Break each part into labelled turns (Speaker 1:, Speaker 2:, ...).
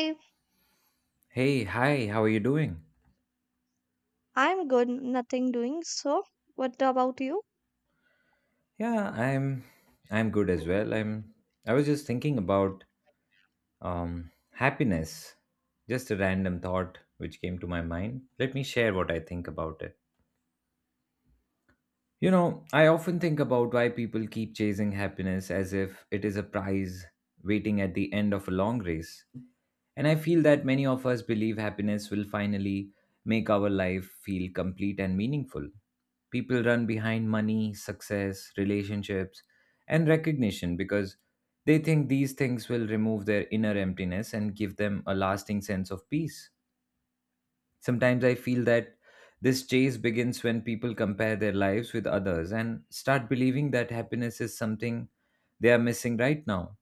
Speaker 1: Hey,
Speaker 2: Hey, hi, how are you doing?
Speaker 1: I'm good, nothing doing. So, what about you?
Speaker 2: Yeah, I'm good as well. I was just thinking about happiness. Just a random thought which came to my mind. Let me share what I think about it. You know, I often think about why people keep chasing happiness as if it is a prize waiting at the end of a long race. And I feel that many of us believe happiness will finally make our life feel complete and meaningful. People run behind money, success, relationships, and recognition because they think these things will remove their inner emptiness and give them a lasting sense of peace. Sometimes I feel that this chase begins when people compare their lives with others and start believing that happiness is something they are missing right now.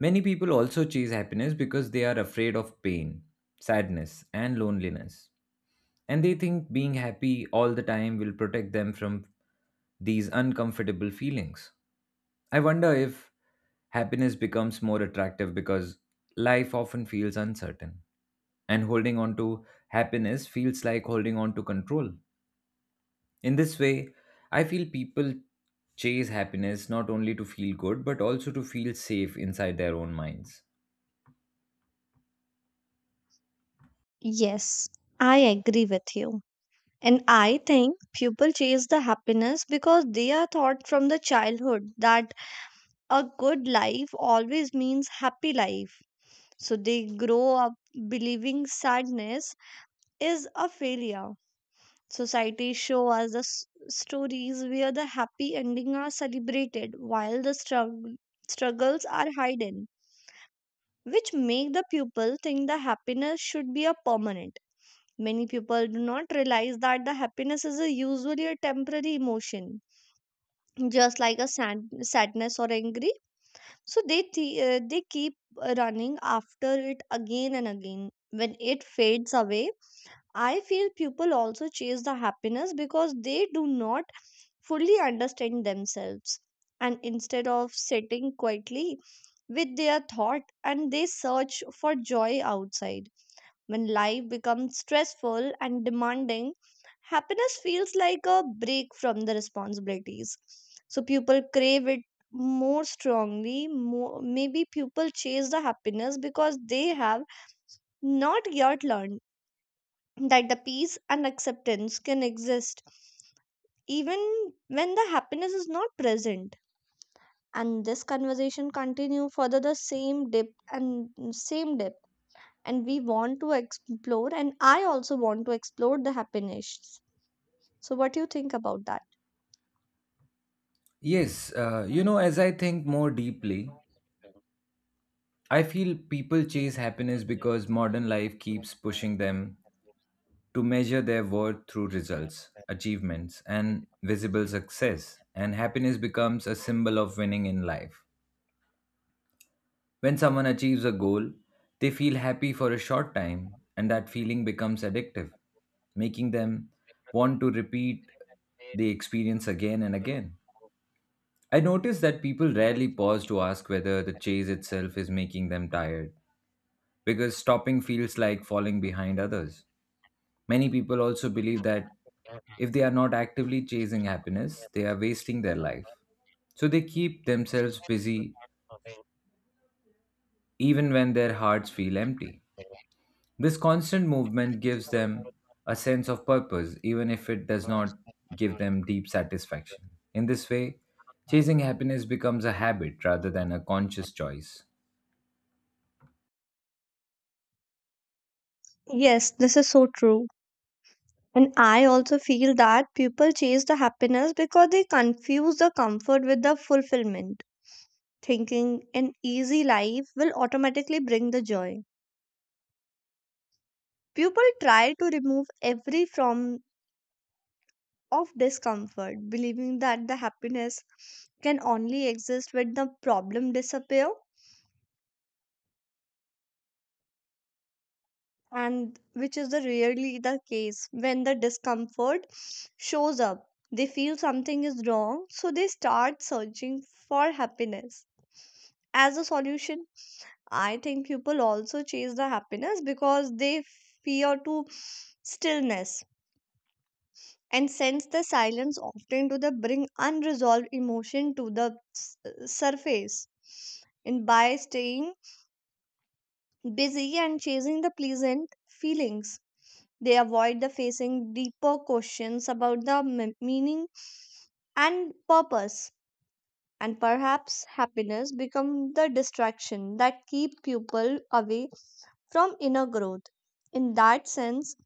Speaker 2: Many people also chase happiness because they are afraid of pain, sadness, and loneliness. And they think being happy all the time will protect them from these uncomfortable feelings. I wonder if happiness becomes more attractive because life often feels uncertain, and holding on to happiness feels like holding on to control. In this way, I feel people chase happiness not only to feel good but also to feel safe inside their own minds.
Speaker 1: Yes, I agree with you. And I think people chase the happiness because they are taught from the childhood that a good life always means happy life. So they grow up believing sadness is a failure. Society show us the stories where the happy ending are celebrated while the struggles are hidden. Which make the pupil think the happiness should be a permanent. Many people do not realize that the happiness is a usually a temporary emotion, just like a sadness or angry. So they they keep running after it again and again when it fades away. I feel people also chase the happiness because they do not fully understand themselves, and instead of sitting quietly with their thought, and they search for joy outside. When life becomes stressful and demanding, happiness feels like a break from the responsibilities. So people crave it more strongly. Maybe people chase the happiness because they have not yet learned that the peace and acceptance can exist even when the happiness is not present. And this conversation continue further the same depth same depth and we want to explore, and I also want to explore the happiness. So what do you think about that?
Speaker 2: Yes, you know, as I think more deeply, I feel people chase happiness because modern life keeps pushing them to measure their worth through results, achievements, and visible success, and happiness becomes a symbol of winning in life. When someone achieves a goal, they feel happy for a short time, and that feeling becomes addictive, making them want to repeat the experience again and again. I notice that people rarely pause to ask whether the chase itself is making them tired, because stopping feels like falling behind others. Many people also believe that if they are not actively chasing happiness, they are wasting their life. So they keep themselves busy even when their hearts feel empty. This constant movement gives them a sense of purpose, even if it does not give them deep satisfaction. In this way, chasing happiness becomes a habit rather than a conscious choice.
Speaker 1: Yes, this is so true, and I also feel that people chase the happiness because they confuse the comfort with the fulfillment, thinking an easy life will automatically bring the joy. People try to remove every form of discomfort, believing that the happiness can only exist when the problem disappear, and which is the rarely the case. When the discomfort shows up, they feel something is wrong, so they start searching for happiness as a solution. I think people also chase the happiness because they fear to stillness, and sense the silence often to the bring unresolved emotion to the surface. And by staying busy and chasing the pleasant feelings, they avoid the facing deeper questions about the meaning and purpose. And perhaps happiness become the distraction that keep people away from inner growth. In that sense,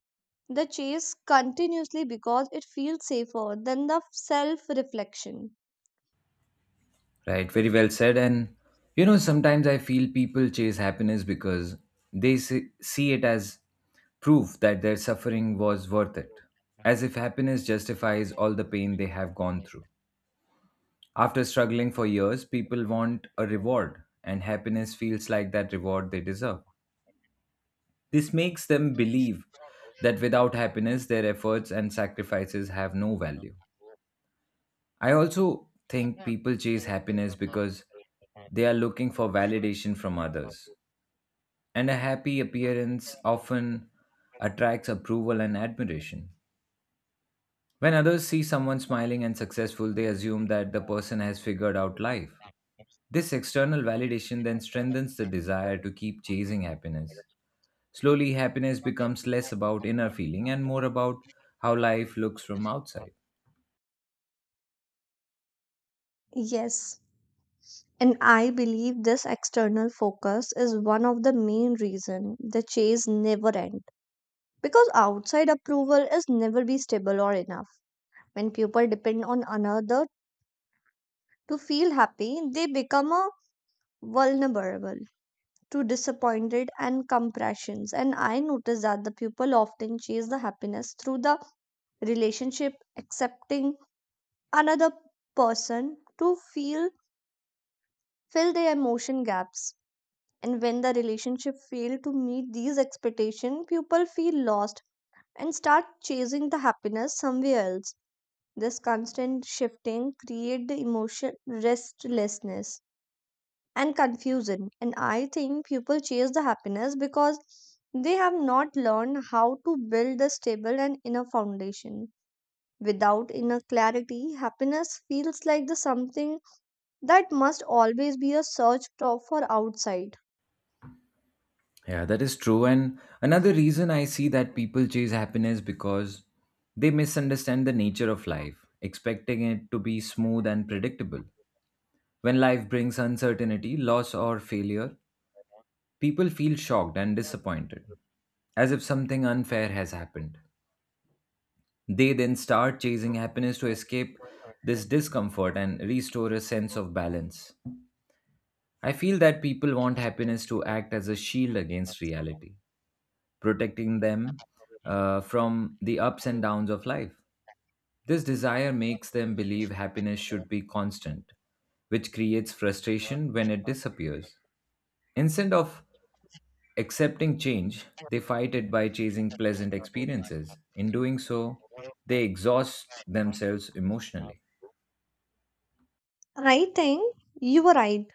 Speaker 1: the chase continuously because it feels safer than the self reflection.
Speaker 2: Right, very well said. And you know, sometimes I feel people chase happiness because they see it as proof that their suffering was worth it, as if happiness justifies all the pain they have gone through. After struggling for years, people want a reward, and happiness feels like that reward they deserve. This makes them believe that without happiness, their efforts and sacrifices have no value. I also think people chase happiness because they are looking for validation from others, and a happy appearance often attracts approval and admiration. When others see someone smiling and successful, they assume that the person has figured out life. This external validation then strengthens the desire to keep chasing happiness. Slowly, happiness becomes less about inner feeling and more about how life looks from outside.
Speaker 1: Yes, and I believe this external focus is one of the main reason the chase never end, because outside approval is never be stable or enough. When people depend on another to feel happy, they become a vulnerable to disappointed and compressions. And I notice that the people often chase the happiness through the relationship, accepting another person to feel fill their emotion gaps. And when the relationship fail to meet these expectations, people feel lost and start chasing the happiness somewhere else. This constant shifting create the emotion restlessness and confusion. And I think people chase the happiness because they have not learned how to build a stable and inner foundation. Without inner clarity, happiness feels like the something that must always be a search for outside.
Speaker 2: Yeah, that is true. And another reason I see that people chase happiness because they misunderstand the nature of life, expecting it to be smooth and predictable. When life brings uncertainty, loss, or failure, people feel shocked and disappointed, as if something unfair has happened. They then start chasing happiness to escape this discomfort and restore a sense of balance. I feel that people want happiness to act as a shield against reality, protecting them from the ups and downs of life. This desire makes them believe happiness should be constant, which creates frustration when it disappears. Instead of accepting change, they fight it by chasing pleasant experiences. In doing so, they exhaust themselves emotionally.
Speaker 1: I think you were right.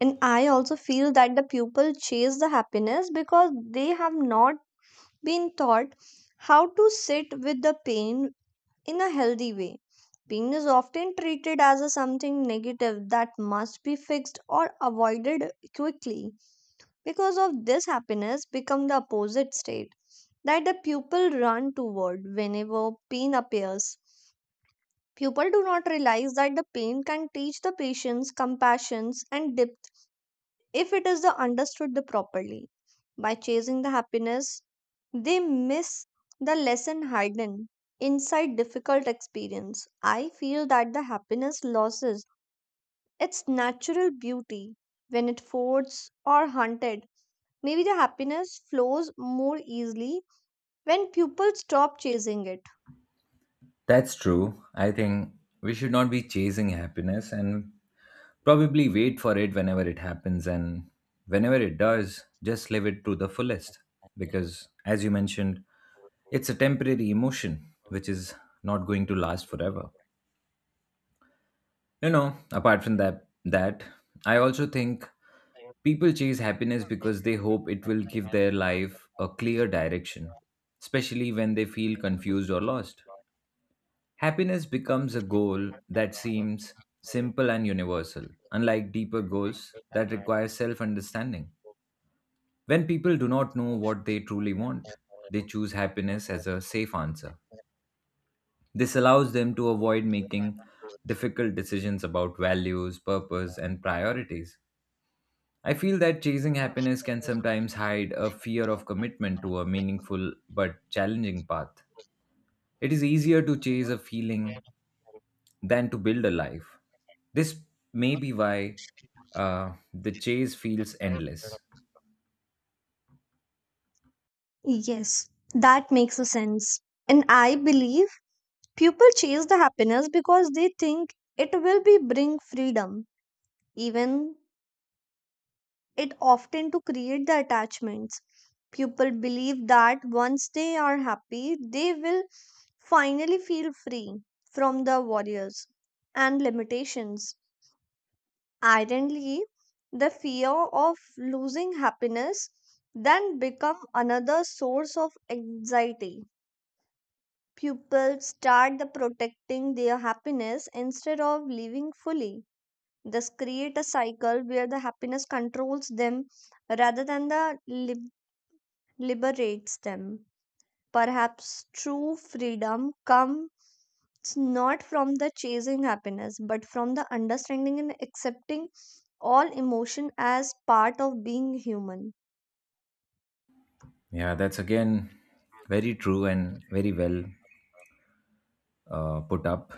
Speaker 1: And I also feel that the people chase the happiness because they have not been taught how to sit with the pain in a healthy way. Pain is often treated as a something negative that must be fixed or avoided quickly. Because of this, happiness become the opposite state that the pupil run toward whenever pain appears. People do not realize that the pain can teach the patience, compassion, and depth if it is the understood the properly. By chasing the happiness, they miss the lesson hidden inside difficult experience. I feel that the happiness loses its natural beauty when it forced or hunted. Maybe the happiness flows more easily when people stop chasing it.
Speaker 2: That's true. I think we should not be chasing happiness and probably wait for it whenever it happens, and whenever it does, just live it to the fullest. Because, as you mentioned, it's a temporary emotion which is not going to last forever. You know, apart from that, I also think people chase happiness because they hope it will give their life a clear direction, especially when they feel confused or lost. Happiness becomes a goal that seems simple and universal, unlike deeper goals that require self understanding. When people do not know what they truly want, they choose happiness as a safe answer. This allows them to avoid making difficult decisions about values, purpose, and priorities. I feel that chasing happiness can sometimes hide a fear of commitment to a meaningful but challenging path. It is easier to chase a feeling than to build a life. This may be why the chase feels endless.
Speaker 1: Yes, that makes a sense. And I believe people chase the happiness because they think it will be bring freedom, even it often to create the attachments. People believe that once they are happy, they will finally feel free from the warriors and limitations. Ironically, the fear of losing happiness then become another source of anxiety. People start the protecting their happiness instead of living fully. This create a cycle where the happiness controls them rather than the liberates them. Perhaps true freedom comes not from the chasing happiness, but from the understanding and accepting all emotion as part of being human.
Speaker 2: Yeah, that's again very true and very well put up.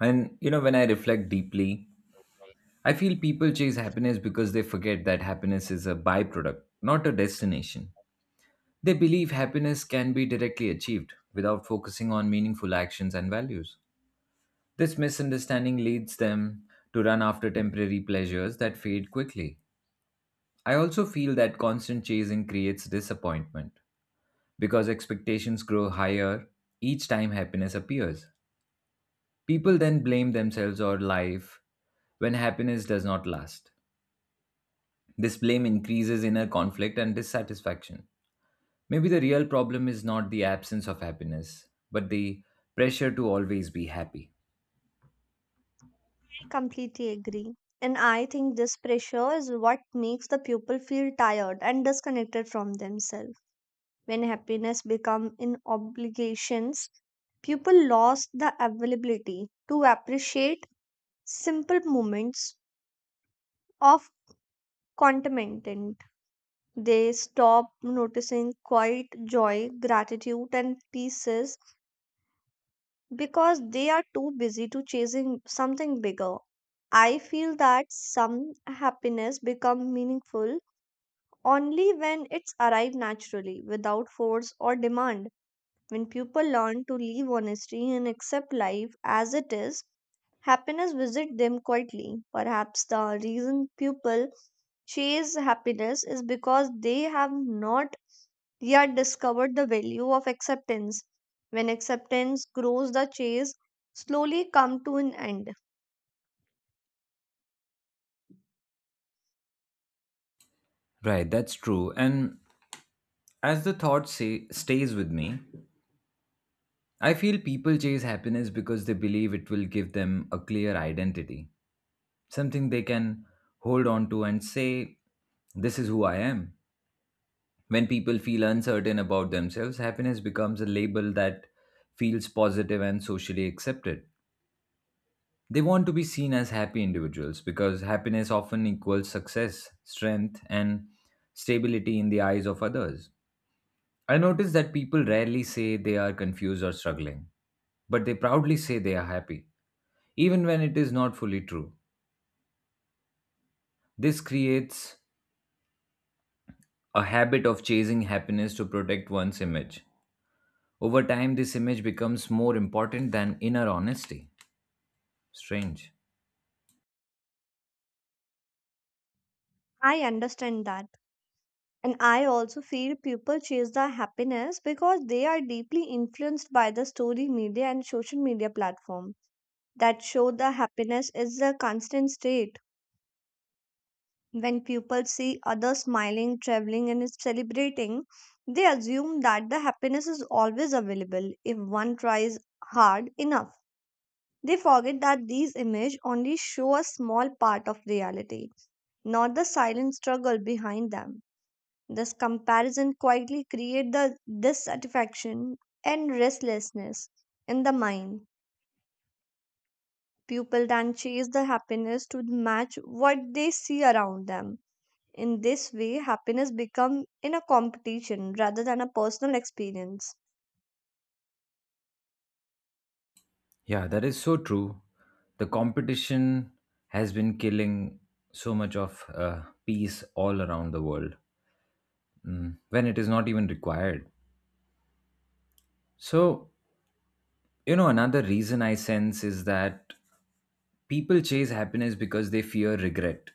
Speaker 2: And you know, when I reflect deeply, I feel people chase happiness because they forget that happiness is a byproduct, not a destination. They believe happiness can be directly achieved without focusing on meaningful actions and values. This misunderstanding leads them to run after temporary pleasures that fade quickly. I also feel that constant chasing creates disappointment because expectations grow higher each time happiness appears. People then blame themselves or life when happiness does not last. This blame increases inner conflict and dissatisfaction. Maybe the real problem is not the absence of happiness, but the pressure to always be happy.
Speaker 1: I completely agree. And I think this pressure is what makes the pupil feel tired and disconnected from themselves. When happiness becomes in obligations, people lost the availability to appreciate simple moments of contentment. They stop noticing quiet joy, gratitude, and pieces, because they are too busy to chasing something bigger. I feel that some happiness become meaningful only when it's arrived naturally, without force or demand. When people learn to live honestly and accept life as it is, happiness visit them quietly. Perhaps the reason people chase happiness is because they have not yet discovered the value of acceptance. When acceptance grows, the chase slowly come to an end.
Speaker 2: Right, that's true. And as the thought say, stays with me, I feel people chase happiness because they believe it will give them a clear identity, something they can hold on to and say, this is who I am. When people feel uncertain about themselves, happiness becomes a label that feels positive and socially accepted. They want to be seen as happy individuals because happiness often equals success, strength, and stability in the eyes of others. I notice that people rarely say they are confused or struggling, but they proudly say they are happy, even when it is not fully true. This creates a habit of chasing happiness to protect one's image. Over time, this image becomes more important than inner honesty. Strange.
Speaker 1: I understand that. And I also feel people chase the happiness because they are deeply influenced by the story media and social media platform that show the happiness is a constant state. When people see others smiling, traveling, and celebrating, they assume that the happiness is always available if one tries hard enough. They forget that these images only show a small part of reality, not the silent struggle behind them. This comparison quietly creates the dissatisfaction and restlessness in the mind. People then chase the happiness to match what they see around them. In this way, happiness becomes in a competition rather than a personal experience.
Speaker 2: Yeah, that is so true. The competition has been killing so much of peace all around the world, when it is not even required. So, you know, another reason I sense is that people chase happiness because they fear regret,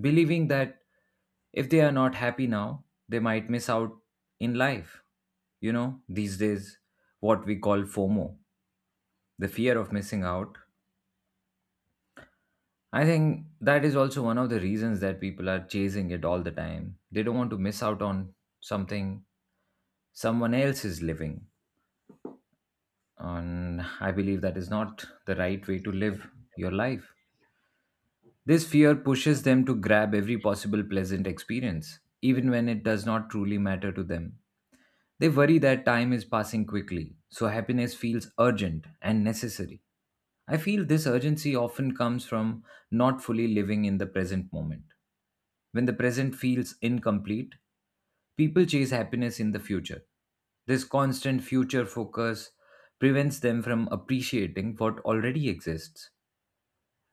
Speaker 2: believing that if they are not happy now, they might miss out in life. You know, these days, what we call FOMO, the fear of missing out, I think that is also one of the reasons that people are chasing it all the time. They don't want to miss out on something someone else is living, and I believe that is not the right way to live your life. This fear pushes them to grab every possible pleasant experience even when it does not truly matter to them. They worry that time is passing quickly, so happiness feels urgent and necessary. I feel this urgency often comes from not fully living in the present moment. When the present feels incomplete, people chase happiness in the future. This constant future focus prevents them from appreciating what already exists.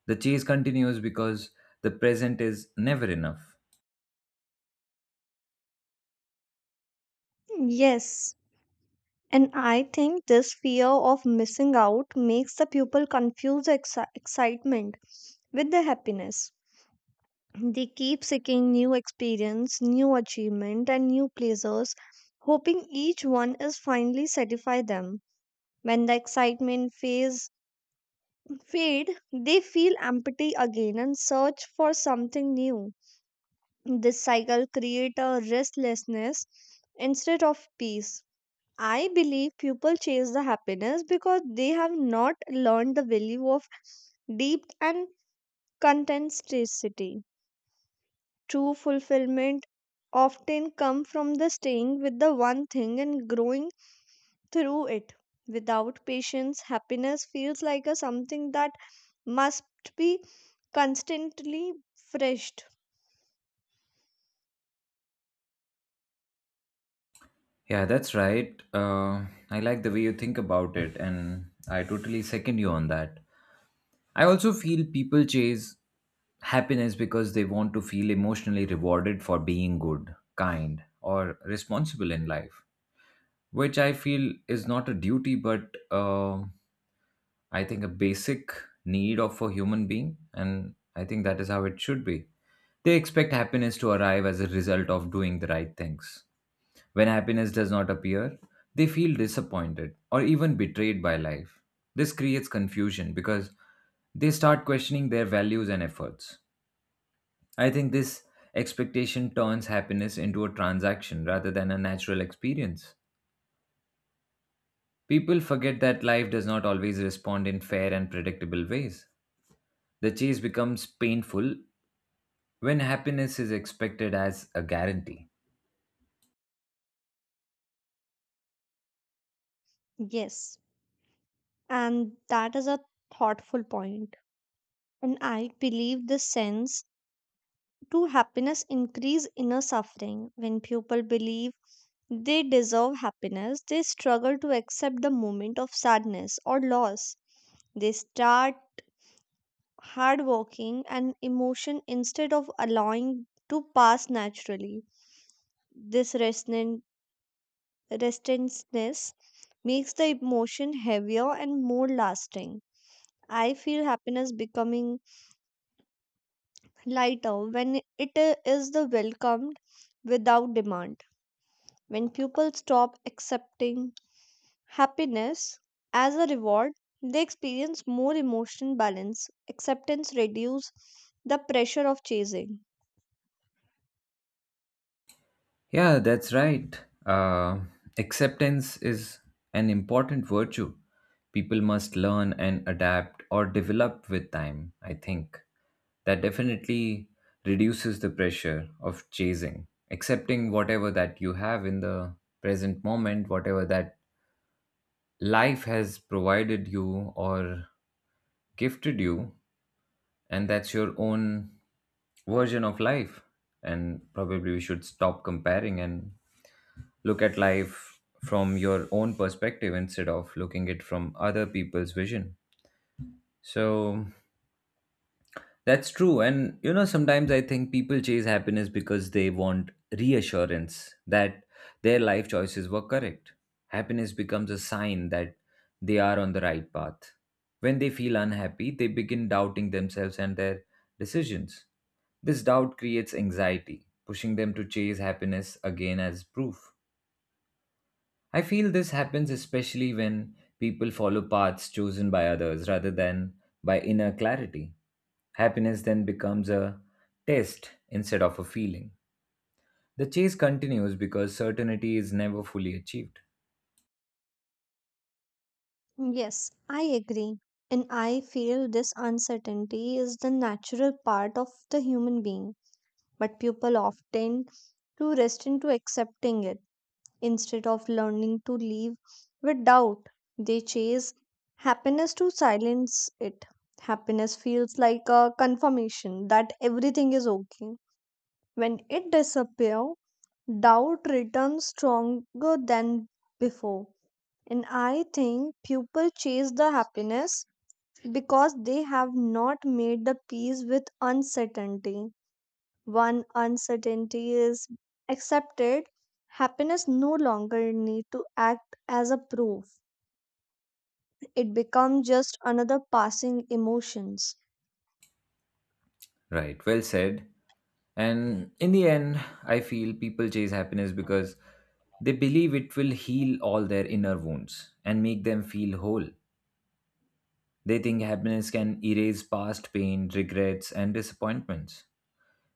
Speaker 2: The chase continues because the present is never enough.
Speaker 1: Yes, and I think this fear of missing out makes the pupil confuse excitement with the happiness. They keep seeking new experience, new achievement, and new pleasures, hoping each one is finally satisfy them. When the excitement phase fade, they feel empty again and search for something new. This cycle creates a restlessness instead of peace. I believe people chase the happiness because they have not learned the value of deep and contentedity. True fulfillment often comes from the staying with the one thing and growing through it. Without patience, happiness feels like a something that must be constantly freshed.
Speaker 2: Yeah, that's right. I like the way you think about it, and I totally second you on that. I also feel people chase happiness because they want to feel emotionally rewarded for being good, kind, or responsible in life, which I feel is not a duty but I think, a basic need of a human being, and I think that is how it should be. They expect happiness to arrive as a result of doing the right things. When happiness does not appear, they feel disappointed or even betrayed by life. This creates confusion because they start questioning their values and efforts. I think this expectation turns happiness into a transaction rather than a natural experience. People forget that life does not always respond in fair and predictable ways. The chase becomes painful when happiness is expected as a guarantee.
Speaker 1: Yes, and that is a thoughtful point. And I believe the sense to happiness increase inner suffering. When people believe they deserve happiness, they struggle to accept the moment of sadness or loss. They start hard working and emotion instead of allowing to pass naturally. This restlessness makes the emotion heavier and more lasting. I feel happiness becoming lighter when it is the welcomed without demand. When people stop accepting happiness as a reward, they experience more emotional balance. Acceptance reduces the pressure of chasing.
Speaker 2: Yeah, that's right. Acceptance is an important virtue. People must learn and adapt or develop with time, I think. That definitely reduces the pressure of chasing, accepting whatever that you have in the present moment, whatever that life has provided you or gifted you, and that's your own version of life, and probably we should stop comparing and look at life from your own perspective instead of looking it from other people's vision. So that's true. And you know, sometimes I think people chase happiness because they want reassurance that their life choices were correct. Happiness becomes a sign that they are on the right path. When they feel unhappy, they begin doubting themselves and their decisions. This doubt creates anxiety, pushing them to chase happiness again as proof. I feel this happens especially when people follow paths chosen by others rather than by inner clarity. Happiness then becomes a test instead of a feeling. The chase continues because certainty is never fully achieved.
Speaker 1: Yes, I agree. And I feel this uncertainty is the natural part of the human being, but people often too rest into accepting it. Instead of learning to live with doubt, they chase happiness to silence it. Happiness feels like a confirmation that everything is okay. When it disappears, doubt returns stronger than before. And I think people chase the happiness because they have not made the peace with uncertainty. One uncertainty is accepted, happiness no longer need to act as a proof. It becomes just another passing emotions.
Speaker 2: Right, well said. And in the end, I feel people chase happiness because they believe it will heal all their inner wounds and make them feel whole. They think happiness can erase past pain, regrets, and disappointments.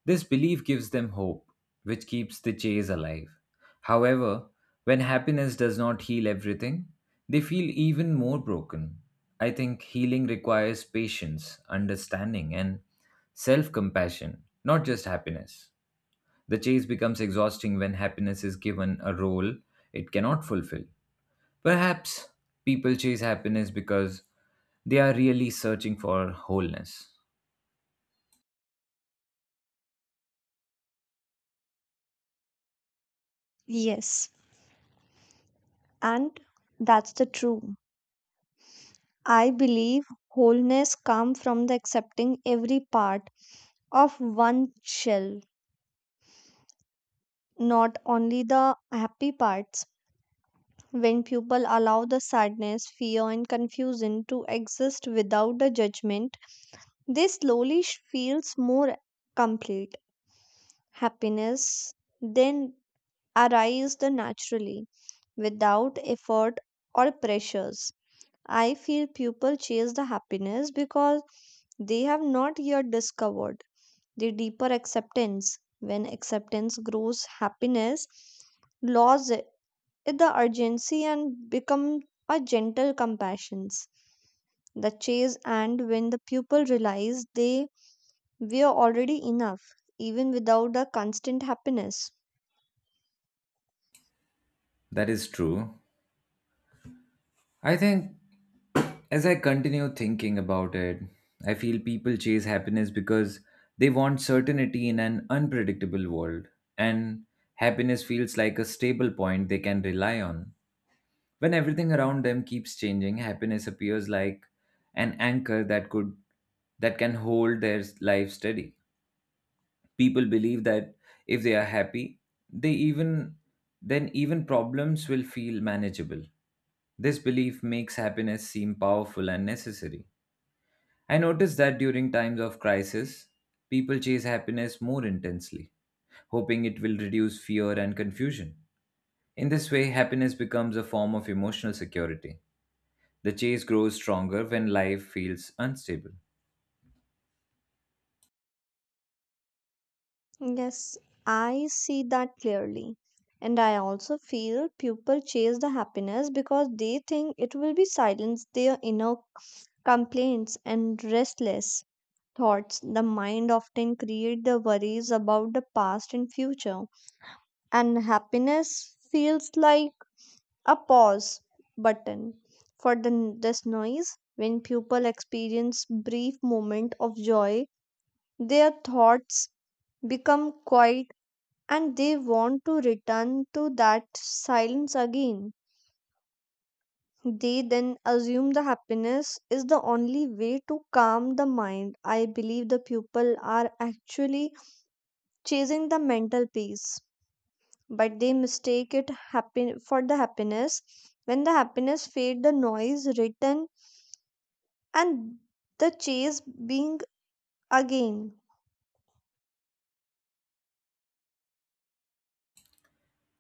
Speaker 2: This belief gives them hope, which keeps the chase alive. However, when happiness does not heal everything, they feel even more broken. I think healing requires patience, understanding, and self compassion, not just happiness. The chase becomes exhausting when happiness is given a role it cannot fulfill. Perhaps people chase happiness because they are really searching for wholeness.
Speaker 1: Yes. And that's the true. I believe wholeness comes from the accepting every part of one shell, not only the happy parts. When people allow the sadness, fear, and confusion to exist without the judgment, they slowly feels more complete. Happiness then arises the naturally without effort or pressures. I feel people chase the happiness because they have not yet discovered the deeper acceptance. When acceptance grows, happiness loses the urgency and become a gentle compassions. The chase and when the pupil realize they we are already enough, even without the constant happiness.
Speaker 2: That is true. I think as I continue thinking about it, I feel people chase happiness because they want certainty in an unpredictable world, and happiness feels like a stable point they can rely on. When everything around them keeps changing, happiness appears like an anchor that can hold their life steady. People believe that if they are happy, they even then even problems will feel manageable. This belief makes happiness seem powerful and necessary. I noticed that during times of crisis, people chase happiness more intensely, hoping it will reduce fear and confusion. In this way, happiness becomes a form of emotional security. The chase grows stronger when life feels unstable.
Speaker 1: Yes, I see that clearly. And I also feel people chase the happiness because they think it will be silence their inner complaints and restless thoughts. The mind often create the worries about the past and future. And happiness feels like a pause button for this noise. When people experience brief moment of joy, their thoughts become quiet, and they want to return to that silence again. They then assume the happiness is the only way to calm the mind. I believe the people are actually chasing the mental peace, but they mistake it happy for the happiness. When the happiness fade, the noise return and the chase being again.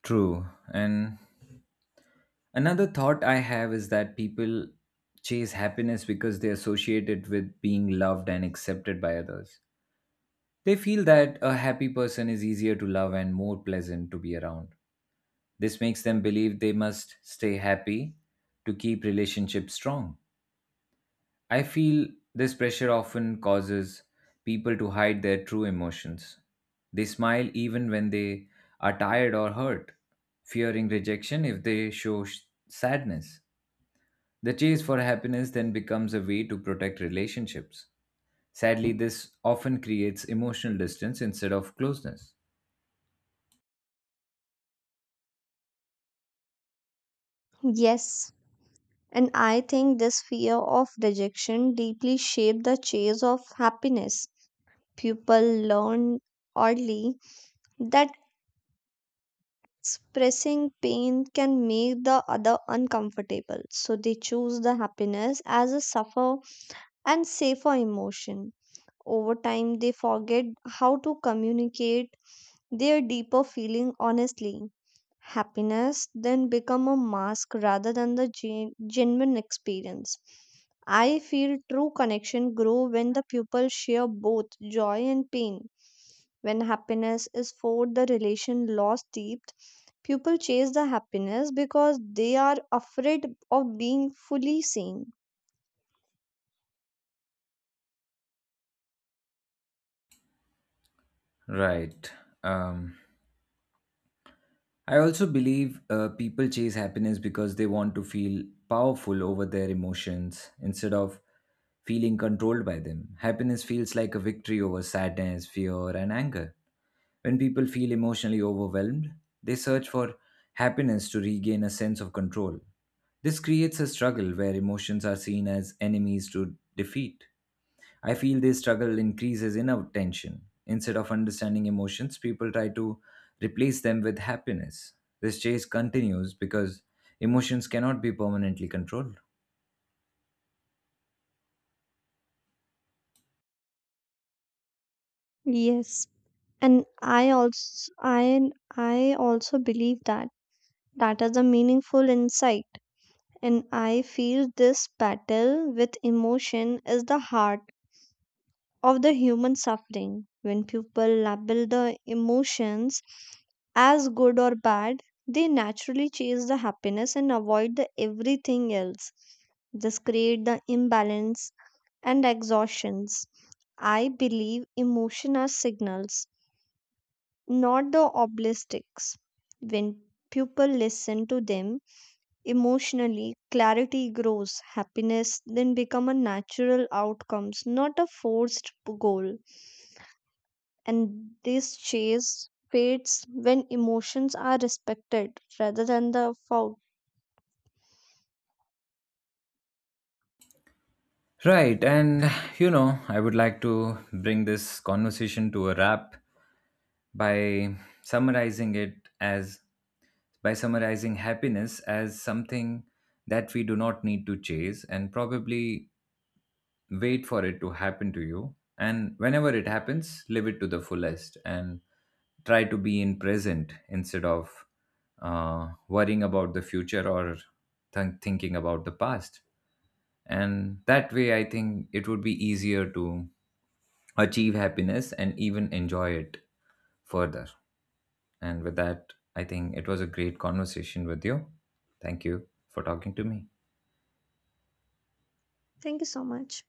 Speaker 2: True. And another thought I have is that people chase happiness because they associate it with being loved and accepted by others. They feel that a happy person is easier to love and more pleasant to be around. This makes them believe they must stay happy to keep relationships strong. I feel this pressure often causes people to hide their true emotions. They smile even when they are tired or hurt, fearing rejection if they show sadness. The chase for happiness then becomes a way to protect relationships. Sadly, this often creates emotional distance instead of closeness.
Speaker 1: Yes. And I think this fear of rejection deeply shaped the chase of happiness. People learn early that expressing pain can make the other uncomfortable, so they choose the happiness as a suffer and safer emotion. Over time, they forget how to communicate their deeper feeling honestly. Happiness then become a mask rather than the genuine experience. I feel true connection grow when the people share both joy and pain. When happiness is forced, the relation lost deep. People chase the happiness because they are afraid of being fully seen.
Speaker 2: Right. Um, I also believe people chase happiness because they want to feel powerful over their emotions instead of feeling controlled by them. Happiness feels like a victory over sadness, fear, and anger. When people feel emotionally overwhelmed, they search for happiness to regain a sense of control. This creates a struggle where emotions are seen as enemies to defeat. I feel this struggle increases inner tension. Instead of understanding emotions, people try to replace them with happiness. This chase continues because emotions cannot be permanently controlled.
Speaker 1: Yes. And I also believe that that is a meaningful insight, and I feel this battle with emotion is the heart of the human suffering. When people label the emotions as good or bad, they naturally chase the happiness and avoid the everything else. This create the imbalance and exhaustions. I believe emotion are signals, not the obelisks. When people listen to them, emotionally, clarity grows. Happiness then become a natural outcomes, not a forced goal. And this chase fades when emotions are respected rather than the fault.
Speaker 2: Right, and you know, I would like to bring this conversation to a wrap by summarizing it as by summarizing happiness as something that we do not need to chase, and probably wait for it to happen to you, and whenever it happens live it to the fullest and try to be in present instead of worrying about the future or thinking about the past. And that way I think it would be easier to achieve happiness and even enjoy it further. And with that, I think it was a great conversation with you. Thank you for talking to me.
Speaker 1: Thank you so much.